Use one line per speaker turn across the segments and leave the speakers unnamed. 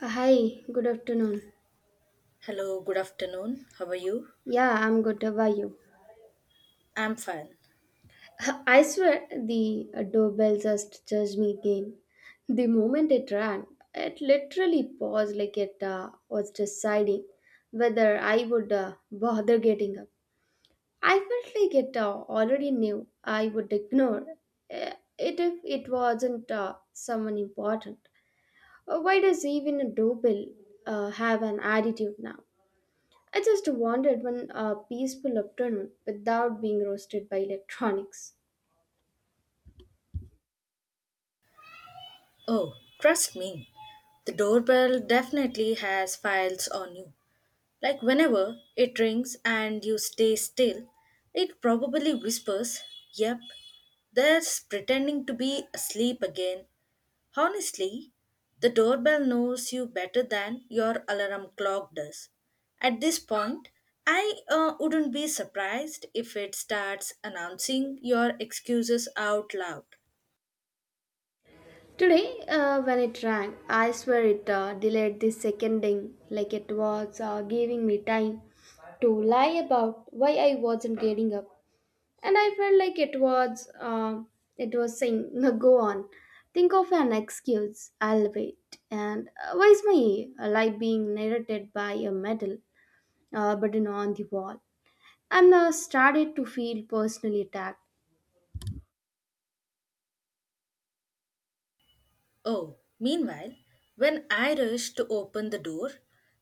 Hi, good afternoon.
Hello, good afternoon. How are you?
Yeah, I'm good. How are you?
I'm fine.
I swear the doorbell just judged me again. The moment it rang, it literally paused like it was deciding whether I would bother getting up. I felt like it already knew I would ignore uh, it if it wasn't someone important. Why does even a doorbell have an attitude now? I just wanted one peaceful afternoon without being roasted by electronics.
Oh, trust me, the doorbell definitely has files on you. Like whenever it rings and you stay still, it probably whispers, Yep, there's pretending to be asleep again. Honestly, the doorbell knows you better than your alarm clock does. At this point, I wouldn't be surprised if it starts announcing your excuses out loud.
Today, when it rang, I swear it delayed the second ding like it was giving me time to lie about why I wasn't getting up, and I felt like it was saying, "No, go on, think of an excuse. I'll wait." And why is my life being narrated by a medal button on the wall? And started to feel personally attacked.
Oh, meanwhile, when I rush to open the door,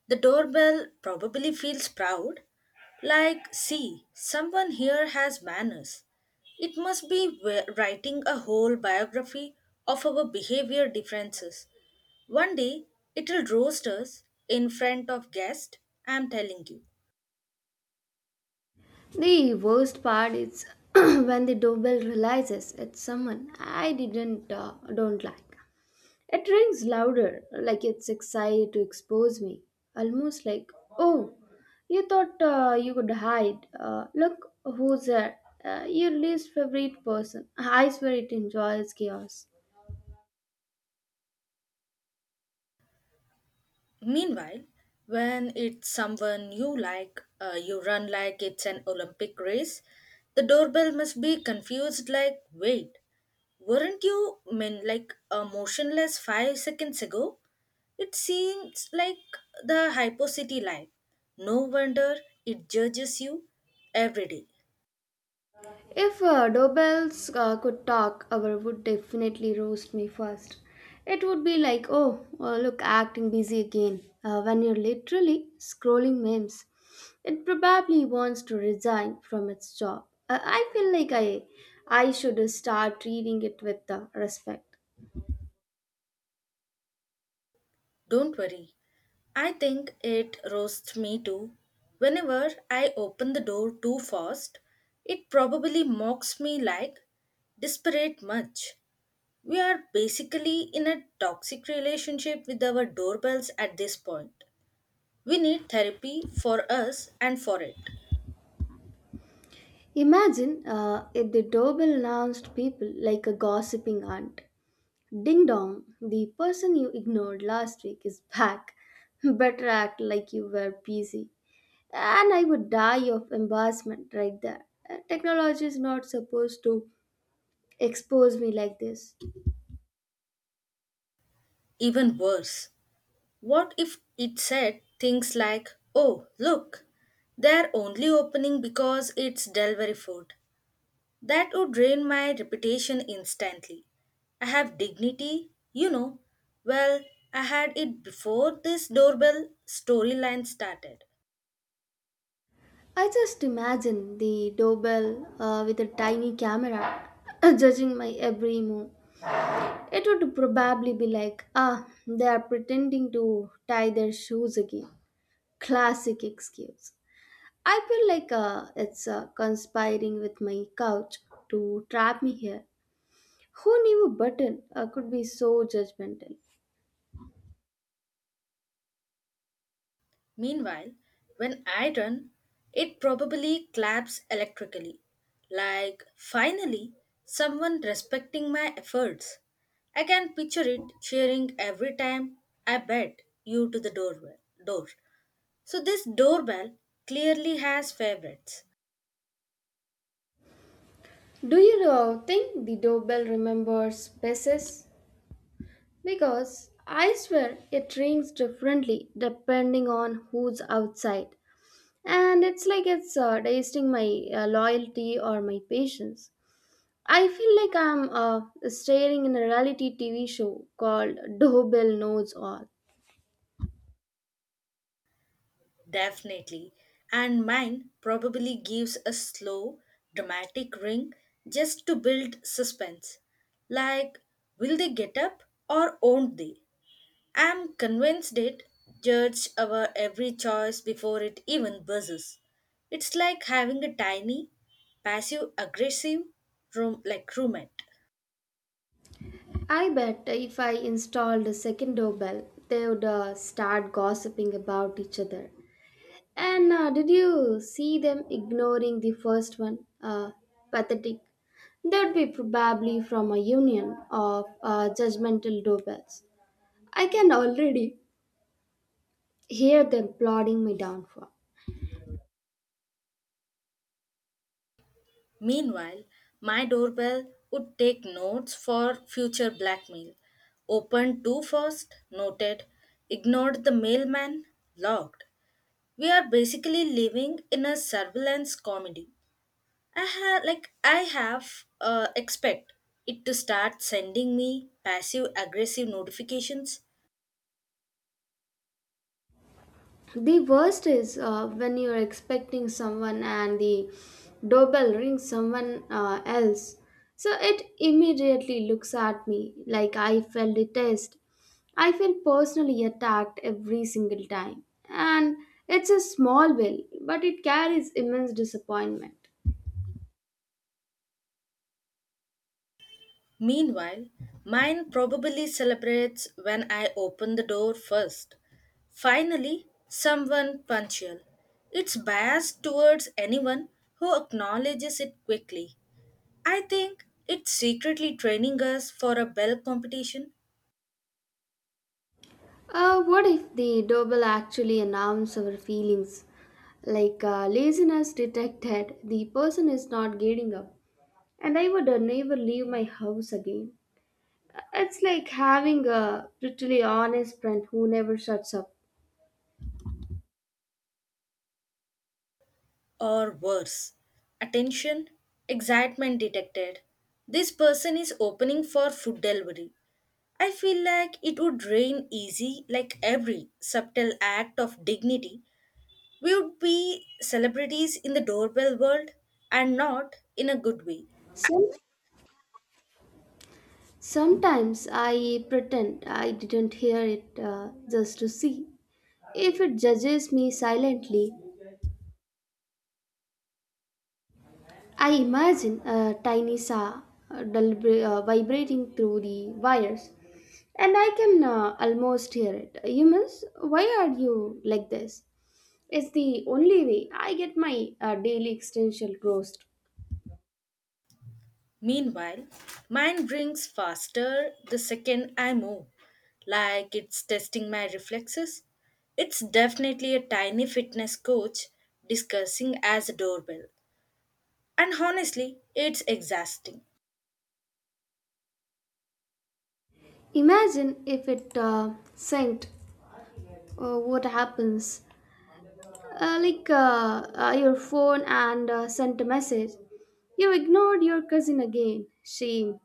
the doorbell probably feels proud, like, see, someone here has manners. It must be writing a whole biography of our behavior differences. One day, it'll roast us in front of guests, I'm telling you.
The worst part is when the doorbell realizes it's someone I didn't don't like. It rings louder, like it's excited to expose me, almost like, "Oh, you thought you could hide. Look who's there. Your least favorite person. I swear it enjoys chaos."
Meanwhile, when it's someone you like, you run like it's an Olympic race, the doorbell must be confused like, wait, weren't you mean like motionless five seconds ago? It seems like the hypocity life. No wonder it judges you every day.
If doorbells could talk, our would definitely roast me first. It would be like, oh, look, acting busy again. When you're literally scrolling memes, it probably wants to resign from its job. I feel like I should start treating it with respect.
Don't worry. I think it roasts me too. Whenever I open the door too fast, it probably mocks me like desperate much. We are basically in a toxic relationship with our doorbells at this point. We need therapy for us and for it.
Imagine if the doorbell announced people like a gossiping aunt. Ding dong, the person you ignored last week is back. Better act like you were busy. And I would die of embarrassment right there. Technology is not supposed to expose me like this.
Even worse, what if it said things like, oh, look, they're only opening because it's delivery food? That would drain my reputation instantly. I have dignity, you know. Well, I had it before this doorbell storyline started.
I just imagine the doorbell with a tiny camera judging my every move. It would probably be like, ah, they are pretending to tie their shoes again. Classic excuse. I feel like it's conspiring with my couch to trap me here. Who knew a button could be so judgmental?
Meanwhile, when I run, it probably claps electrically. Like, finally, someone respecting my efforts. I can picture it cheering every time I bet you to the doorbell door. So this doorbell clearly has favorites.
Do you think the doorbell remembers spaces? Because I swear it rings differently depending on who's outside. And it's like it's tasting my loyalty or my patience. I feel like I'm staring in a reality TV show called Doorbell Knows All.
Definitely. And mine probably gives a slow, dramatic ring just to build suspense. Like, will they get up or won't they? I'm convinced it judges our every choice before it even buzzes. It's like having a tiny, passive aggressive roommate.
I bet if I installed a second doorbell, they would start gossiping about each other. And did you see them ignoring the first one? Pathetic. That'd be probably from a union of judgmental doorbells. I can already hear them plotting my downfall.
Meanwhile, my doorbell would take notes for future blackmail. Opened too fast, noted, ignored the mailman, logged. We are basically living in a surveillance comedy. I have expect it to start sending me passive aggressive notifications.
The worst is when you're expecting someone and the doorbell rings someone else. So it immediately looks at me like I felt the test. I feel personally attacked every single time. And it's a small bill, but it carries immense disappointment.
Meanwhile, mine probably celebrates when I open the door first. Finally, someone punctual. It's biased towards anyone who acknowledges it quickly. I think it's secretly training us for a bell competition.
What if the doorbell actually announced our feelings? Like laziness detected, the person is not getting up. And I would never leave my house again. It's like having a brutally honest friend who never shuts up.
Or worse, attention, excitement detected. This person is opening for food delivery. I feel like it would rain easy, like every subtle act of dignity. We would be celebrities in the doorbell world and not in a good way.
Some, sometimes I pretend I didn't hear it just to see if it judges me silently. I imagine a tiny saw vibrating through the wires, and I can almost hear it. Humans, why are you like this? It's the only way I get my daily existential roast.
Meanwhile, mine brings faster the second I move, like it's testing my reflexes. It's definitely a tiny fitness coach discussing as a doorbell. And honestly, it's exhausting.
Imagine if it sank, what happens? Like your phone and sent a message. You ignored your cousin again. Shame.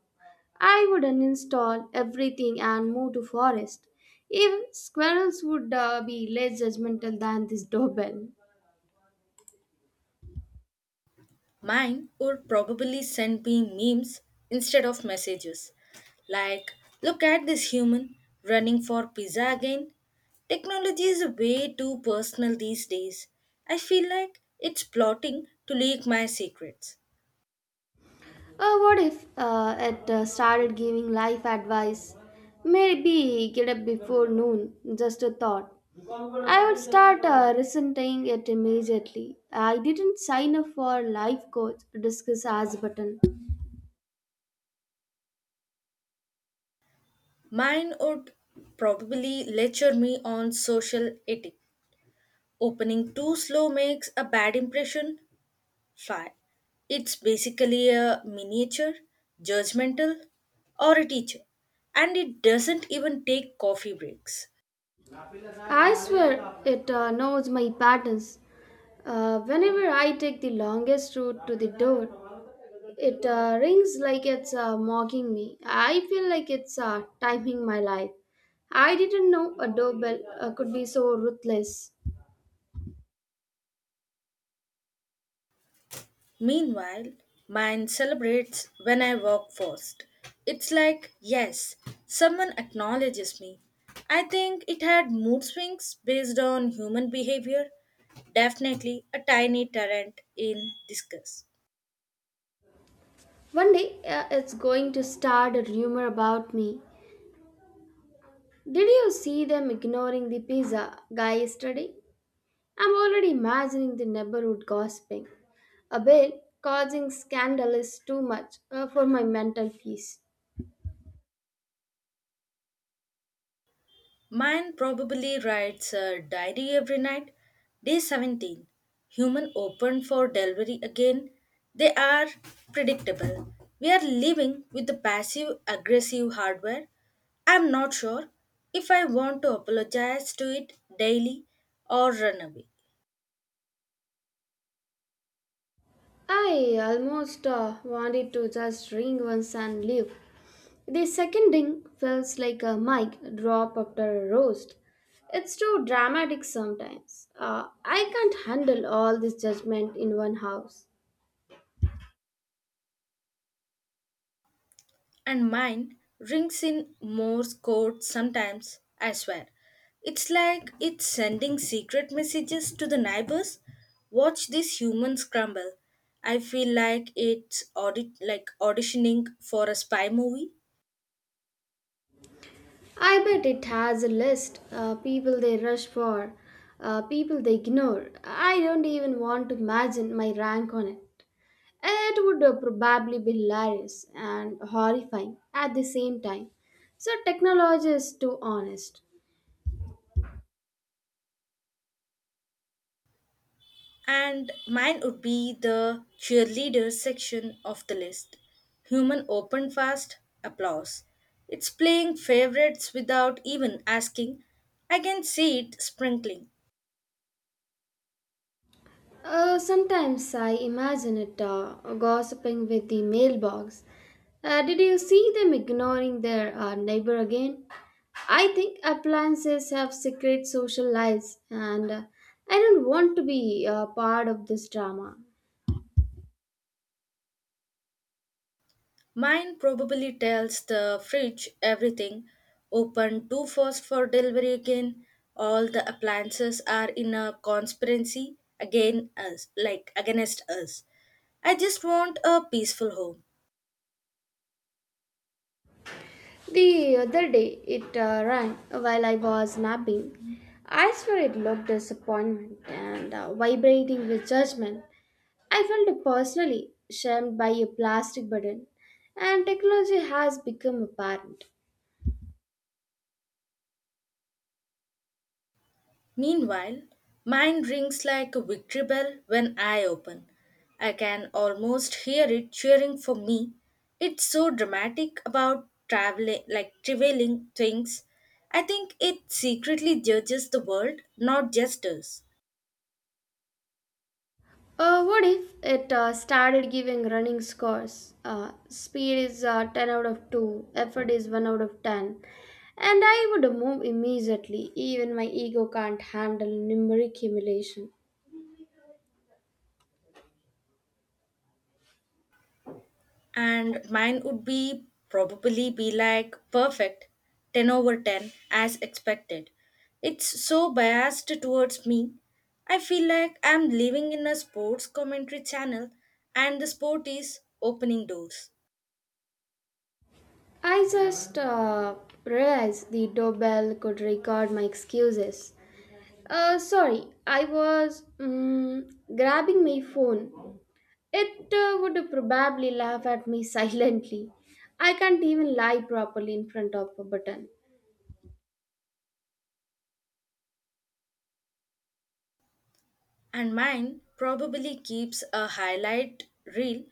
I would uninstall everything and move to forest. Even squirrels would be less judgmental than this doorbell.
Mine would probably send me memes instead of messages. Like, look at this human running for pizza again. Technology is way too personal these days. I feel like it's plotting to leak my secrets.
What if it started giving life advice? Maybe get up before noon, just a thought. I would start resenting it immediately. I didn't sign up for life coach discuss as button.
Mine would probably lecture me on social etiquette. Opening too slow makes a bad impression, fine. It's basically a miniature, judgmental, or a teacher, and it doesn't even take coffee breaks.
I swear it knows my patterns. Whenever I take the longest route to the door, it rings like it's mocking me. I feel like it's timing my life. I didn't know a doorbell could be so ruthless.
Meanwhile, mine celebrates when I walk first. It's like, yes, someone acknowledges me. I think it had mood swings based on human behavior. Definitely a tiny tyrant in disguise.
One day it's going to start a rumor about me. Did you see them ignoring the pizza guy yesterday? I'm already imagining the neighborhood gossiping. A bill causing scandal is too much for my mental peace.
Mine probably writes a diary every night. Day 17. Human open for delivery again. They are predictable. We are living with the passive aggressive hardware. I'm not sure if I want to apologize to it daily or run away.
I almost wanted to just ring once and leave. The second ring feels like a mic drop after a roast. It's too dramatic sometimes. I can't handle all this judgment in one house.
And mine rings in Morse code sometimes, I swear. It's like it's sending secret messages to the neighbors. Watch this human scramble. I feel like it's auditioning for a spy movie.
I bet it has a list. People they rush for, people they ignore. I don't even want to imagine my rank on it. It would probably be hilarious and horrifying at the same time. So, technology is too honest.
And mine would be the cheerleader section of the list. Human open fast applause. It's playing favorites without even asking. I can see it sprinkling.
Sometimes I imagine it gossiping with the mailbox. Did you see them ignoring their neighbor again? I think appliances have secret social lives, and I don't want to be part of this drama.
Mine probably tells the fridge everything. Open too fast for delivery again. All the appliances are in a conspiracy against us. I just want a peaceful home.
The other day it rang while I was napping. I swear it looked disappointment and vibrating with judgment. I felt personally shamed by a plastic burden, and technology has become apparent.
Meanwhile, mine rings like a victory bell when I open. I can almost hear it cheering for me. It's so dramatic about traveling, like traveling things. I think it secretly judges the world, not just us.
What if it started giving running scores? Speed is 10 out of 2, effort is 1 out of 10, and I would move immediately, even my ego can't handle numeric humiliation.
And mine would be probably be like perfect 10 over 10 as expected. It's so biased towards me. I feel like I'm living in a sports commentary channel, and the sport is opening doors.
I just realized the doorbell could record my excuses. Sorry, I was grabbing my phone. It would probably laugh at me silently. I can't even lie properly in front of a button.
And mine probably keeps a highlight reel,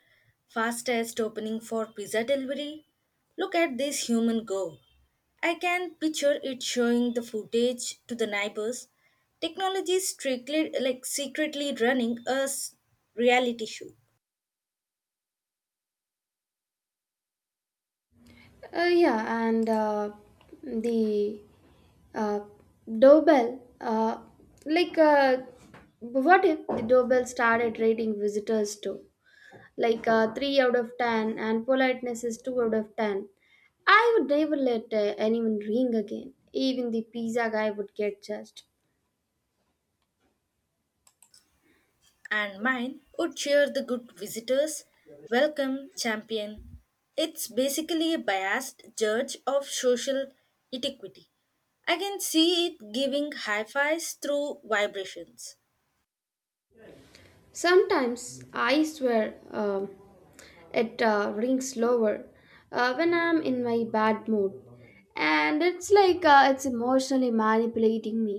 fastest opening for pizza delivery, look at this human go. I can picture it showing the footage to the neighbors. Technology strictly secretly running a reality show.
Yeah, and the uh, doorbell, like, what if the doorbell started rating visitors too? Like 3 out of 10 and politeness is 2 out of 10. I would never let anyone ring again. Even the pizza guy would get judged.
And mine would cheer the good visitors, welcome champion. It's basically a biased judge of social etiquity. I can see it giving high fives through vibrations.
Sometimes I swear um it rings lower when I'm in my bad mood, and it's like it's emotionally manipulating me.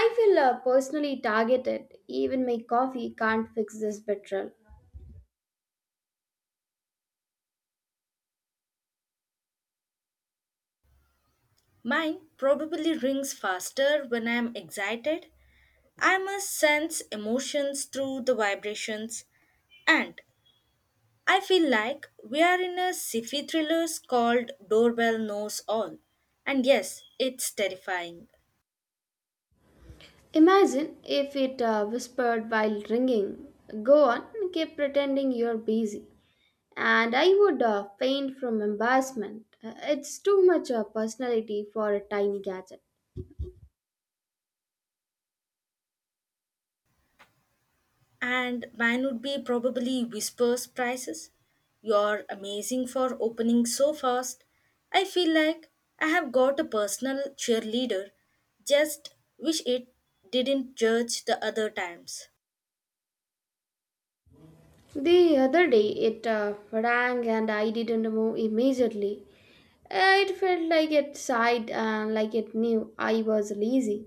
I feel personally targeted. Even my coffee can't fix this betrayal.
Mine probably rings faster when I am excited. I must sense emotions through the vibrations. And I feel like we are in a sci-fi thriller called Doorbell Knows All. And yes, it's terrifying.
Imagine if it whispered while ringing, go on, keep pretending you're busy. And I would faint from embarrassment. It's too much personality for a tiny gadget.
And mine would be probably Whispers Prices. You're amazing for opening so fast. I feel like I have got a personal cheerleader. Just wish it didn't judge the other times.
The other day it rang and I didn't move immediately. It felt like it sighed and like it knew I was lazy.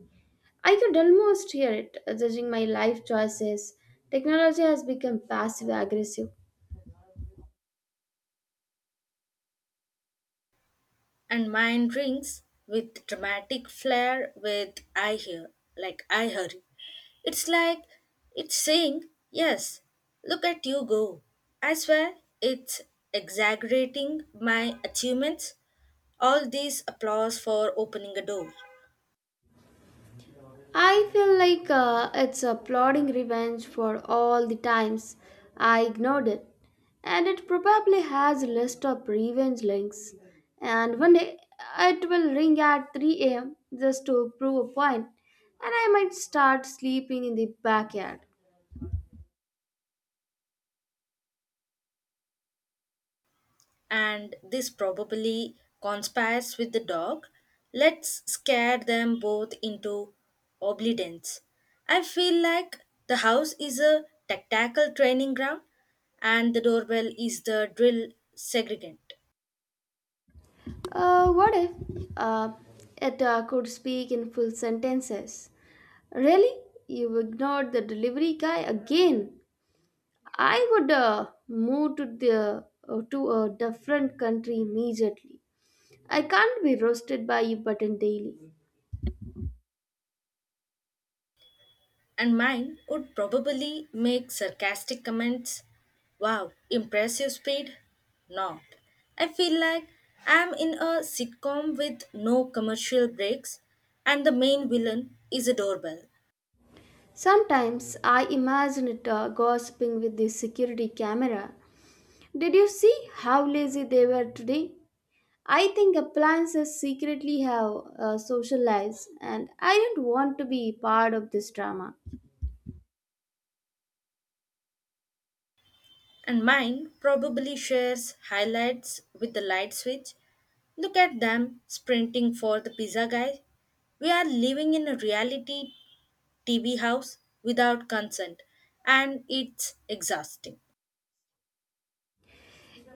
I could almost hear it judging my life choices. Technology has become passive aggressive.
And mine rings with dramatic flair with I hurry. It's like it's saying, yes, look at you go. I swear it's exaggerating my achievements. All these applause for opening a door.
I feel like it's a plodding revenge for all the times I ignored it, and it probably has a list of revenge links. And one day it will ring at 3 a.m. just to prove a point, and I might start sleeping in the backyard.
And this probably conspires with the dog. Let's scare them both into obedience. I feel like the house is a tactical training ground and the doorbell is the drill segregant.
Uh, what if uh, it uh, could speak in full sentences? Really? You ignored the delivery guy again? I would move to a different country immediately. I can't be roasted by a button daily.
And mine would probably make sarcastic comments. Wow, impressive speed? Not. I feel like I'm in a sitcom with no commercial breaks and the main villain is a doorbell.
Sometimes I imagine it gossiping with the security camera. Did you see how lazy they were today? I think appliances secretly have social lives, and I don't want to be part of this drama.
And mine probably shares highlights with the light switch. Look at them sprinting for the pizza guy. We are living in a reality TV house without consent, and it's exhausting.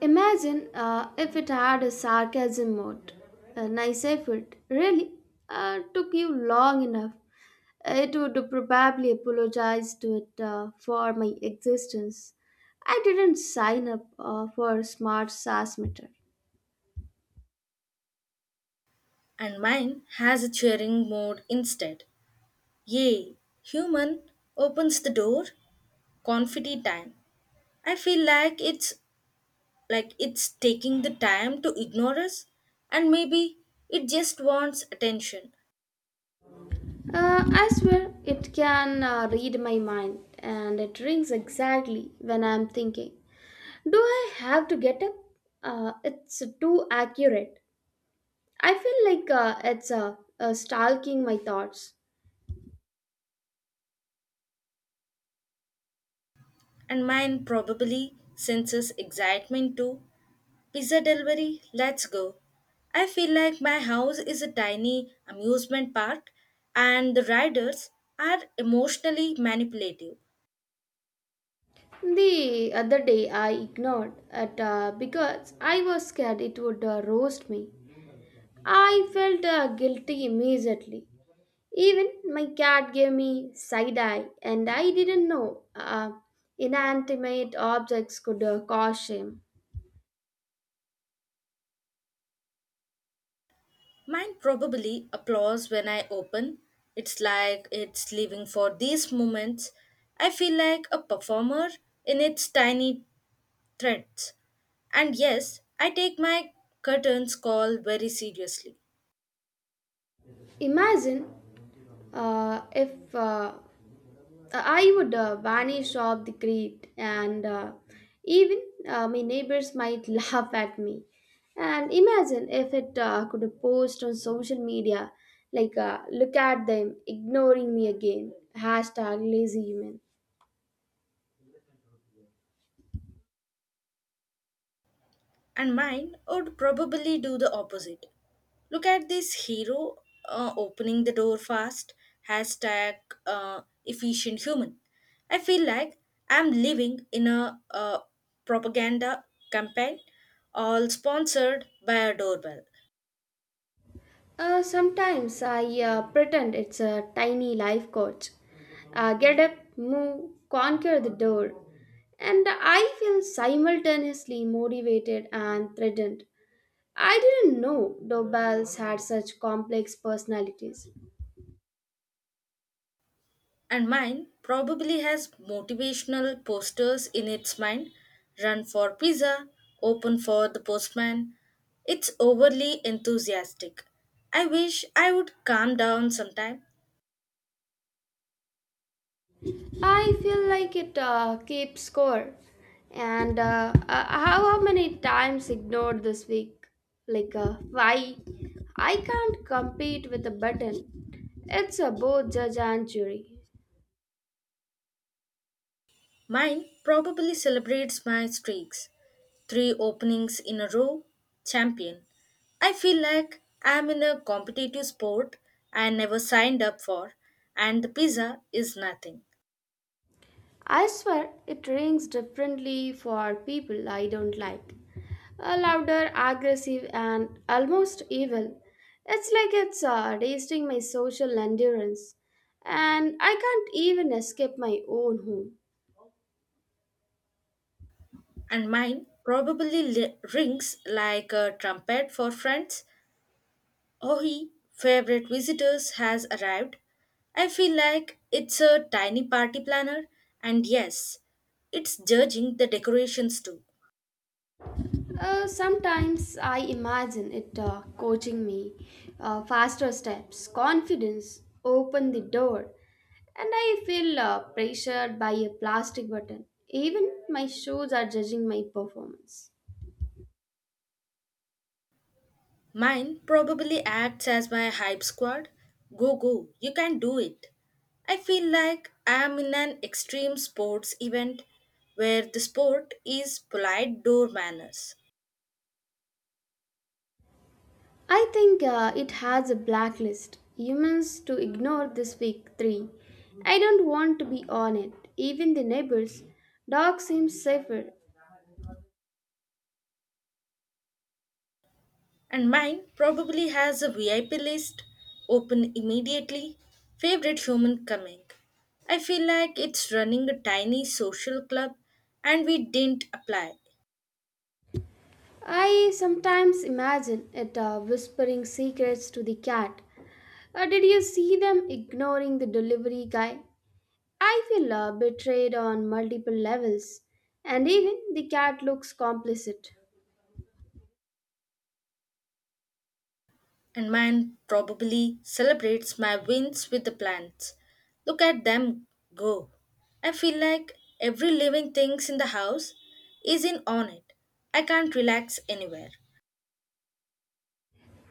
Imagine if it had a sarcasm mode. A nice effort, really. Took you long enough. It would probably apologize to it for my existence. I didn't sign up for smart SAS meter.
And mine has a cheering mode instead. Yay! Human opens the door. Confetti time. I feel like it's taking the time to ignore us, and maybe it just wants attention.
I swear it can read my mind and it rings exactly when I'm thinking. Do I have to get up? It's too accurate. I feel like it's stalking my thoughts.
And mine probably senses excitement too. Pizza delivery, let's go. I feel like my house is a tiny amusement park and the riders are emotionally manipulative.
The other day I ignored it because I was scared it would roast me. I felt guilty immediately. Even my cat gave me side eye, and I didn't know inanimate objects could cause shame.
Mine probably applauds when I open. It's like it's living for these moments. I feel like a performer in its tiny threads. And yes, I take my curtains call very seriously.
Imagine if I would vanish off the grid, and even my neighbors might laugh at me. And imagine if it could post on social media, like look at them ignoring me again. Hashtag lazy human.
And mine would probably do the opposite. Look at this hero opening the door fast. Hashtag efficient human. I feel like I'm living in a propaganda campaign all sponsored by a doorbell.
Sometimes I pretend it's a tiny life coach. Get up, move, conquer the door. And I feel simultaneously motivated and threatened. I didn't know doorbells had such complex personalities.
And mine probably has motivational posters in its mind, run for pizza, open for the postman. It's overly enthusiastic. I wish I would calm down sometime.
I feel like it keeps score. And how many times ignored this week? Like, why? I can't compete with a button. It's a both judge and jury.
Mine probably celebrates my streaks. Three openings in a row, champion. I feel like I'm in a competitive sport I never signed up for, and the pizza is nothing.
I swear it rings differently for people I don't like. Louder, aggressive, and almost evil. It's like it's tasting my social endurance, and I can't even escape my own home.
And mine probably rings like a trumpet for friends. Oh, he, favorite visitors has arrived. I feel like it's a tiny party planner, and yes, it's judging the decorations too.
Sometimes I imagine it coaching me, faster steps, confidence, open the door, and I feel pressured by a plastic button. Even my shoes are judging my performance.
Mine probably acts as my hype squad. Go, go, you can do it. I feel like I am in an extreme sports event where the sport is polite door manners.
I think it has a blacklist. Humans to ignore this week 3. I don't want to be on it. Even the neighbors. Dog seems safer.
And mine probably has a VIP list, open immediately, favorite human coming. I feel like it's running a tiny social club and we didn't apply.
I sometimes imagine it whispering secrets to the cat. Did you see them ignoring the delivery guy? I feel betrayed on multiple levels. And even the cat looks complicit.
And mine probably celebrates my wins with the plants. Look at them go. I feel like every living thing in the house is in on it. I can't relax anywhere.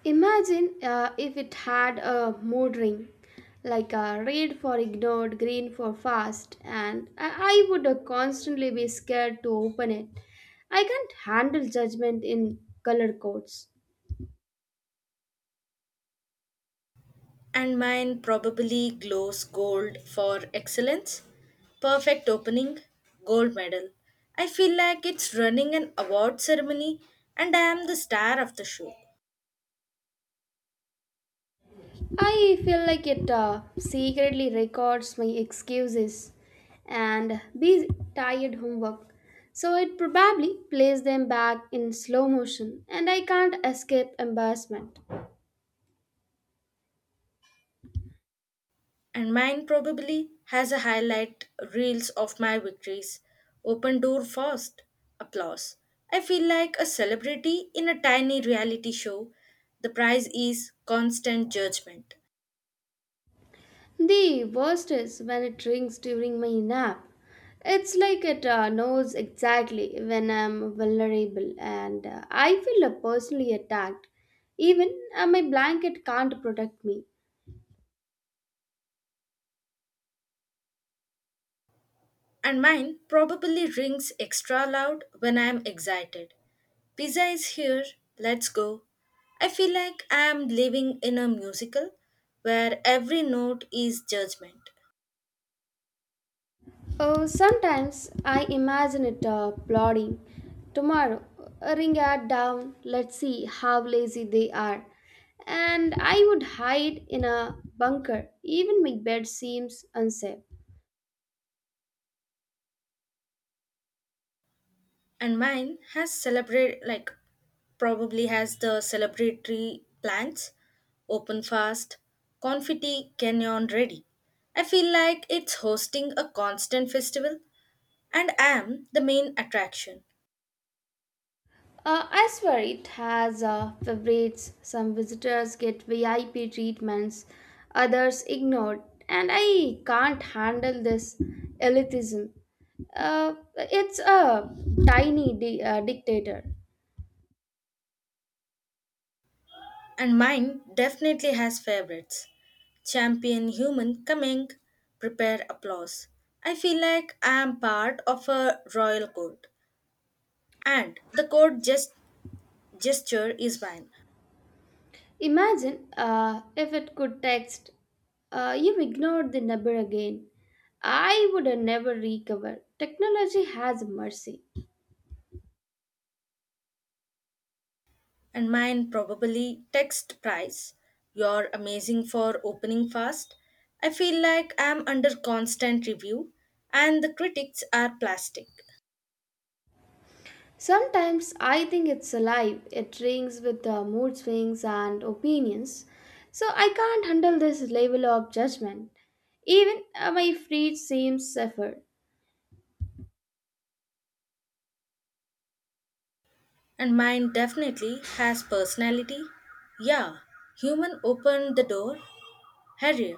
Imagine if it had a mood ring, like a red for ignored, green for fast, and I would constantly be scared to open it. I can't handle judgment in color codes.
And mine probably glows gold for excellence. Perfect opening, gold medal. I feel like it's running an award ceremony and I am the star of the show.
I feel like it secretly records my excuses and these tired homework. So it probably plays them back in slow motion, and I can't escape embarrassment.
And mine probably has a highlight reels of my victories. Open door first, applause. I feel like a celebrity in a tiny reality show. The prize is constant judgment.
The worst is when it rings during my nap. It's like it knows exactly when I'm vulnerable, and I feel personally attacked. Even my blanket can't protect me.
And mine probably rings extra loud when I am excited. Pizza is here, let's go. I feel like I am living in a musical where every note is judgment.
Oh, sometimes I imagine it plotting. Tomorrow, ring it down, let's see how lazy they are. And I would hide in a bunker. Even my bed seems unsafe.
And mine has celebrate like probably has the celebratory plans, open fast, confetti canyon ready. I feel like it's hosting a constant festival and I am the main attraction.
I swear it has favorites. Some visitors get VIP treatments, others ignored, and I can't handle this elitism. It's a tiny dictator.
And mine definitely has favorites. Champion human coming, prepare applause. I feel like I am part of a royal court, and the gesture is mine,
Imagine if it could text, you ignored the number again. I would never recover. Technology has mercy.
and mine probably text prize. You're amazing for opening fast. I feel like I am under constant review, and the critics are plastic.
Sometimes I think it's alive, it rings with the mood swings and opinions. So I can't handle this level of judgment. Even my feet seem safer.
And mine definitely has personality. Yeah, human opened the door, Harrier,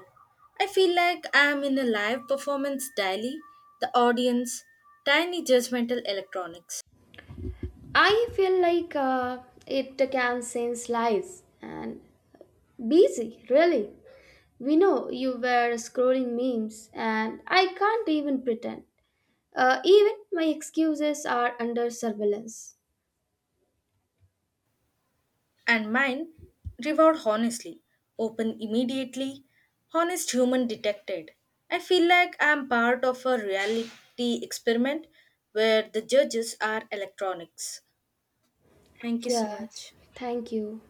I feel like I am in a live performance daily, the audience, tiny judgmental electronics,
I feel like it can sense lies and busy, really. We know you were scrolling memes, and I can't even pretend. Even my excuses are under surveillance.
and mine reward honestly, open immediately, honest human detected. I feel like I am part of a reality experiment where the judges are electronics. Thank you
Yeah,
so much.
thank you.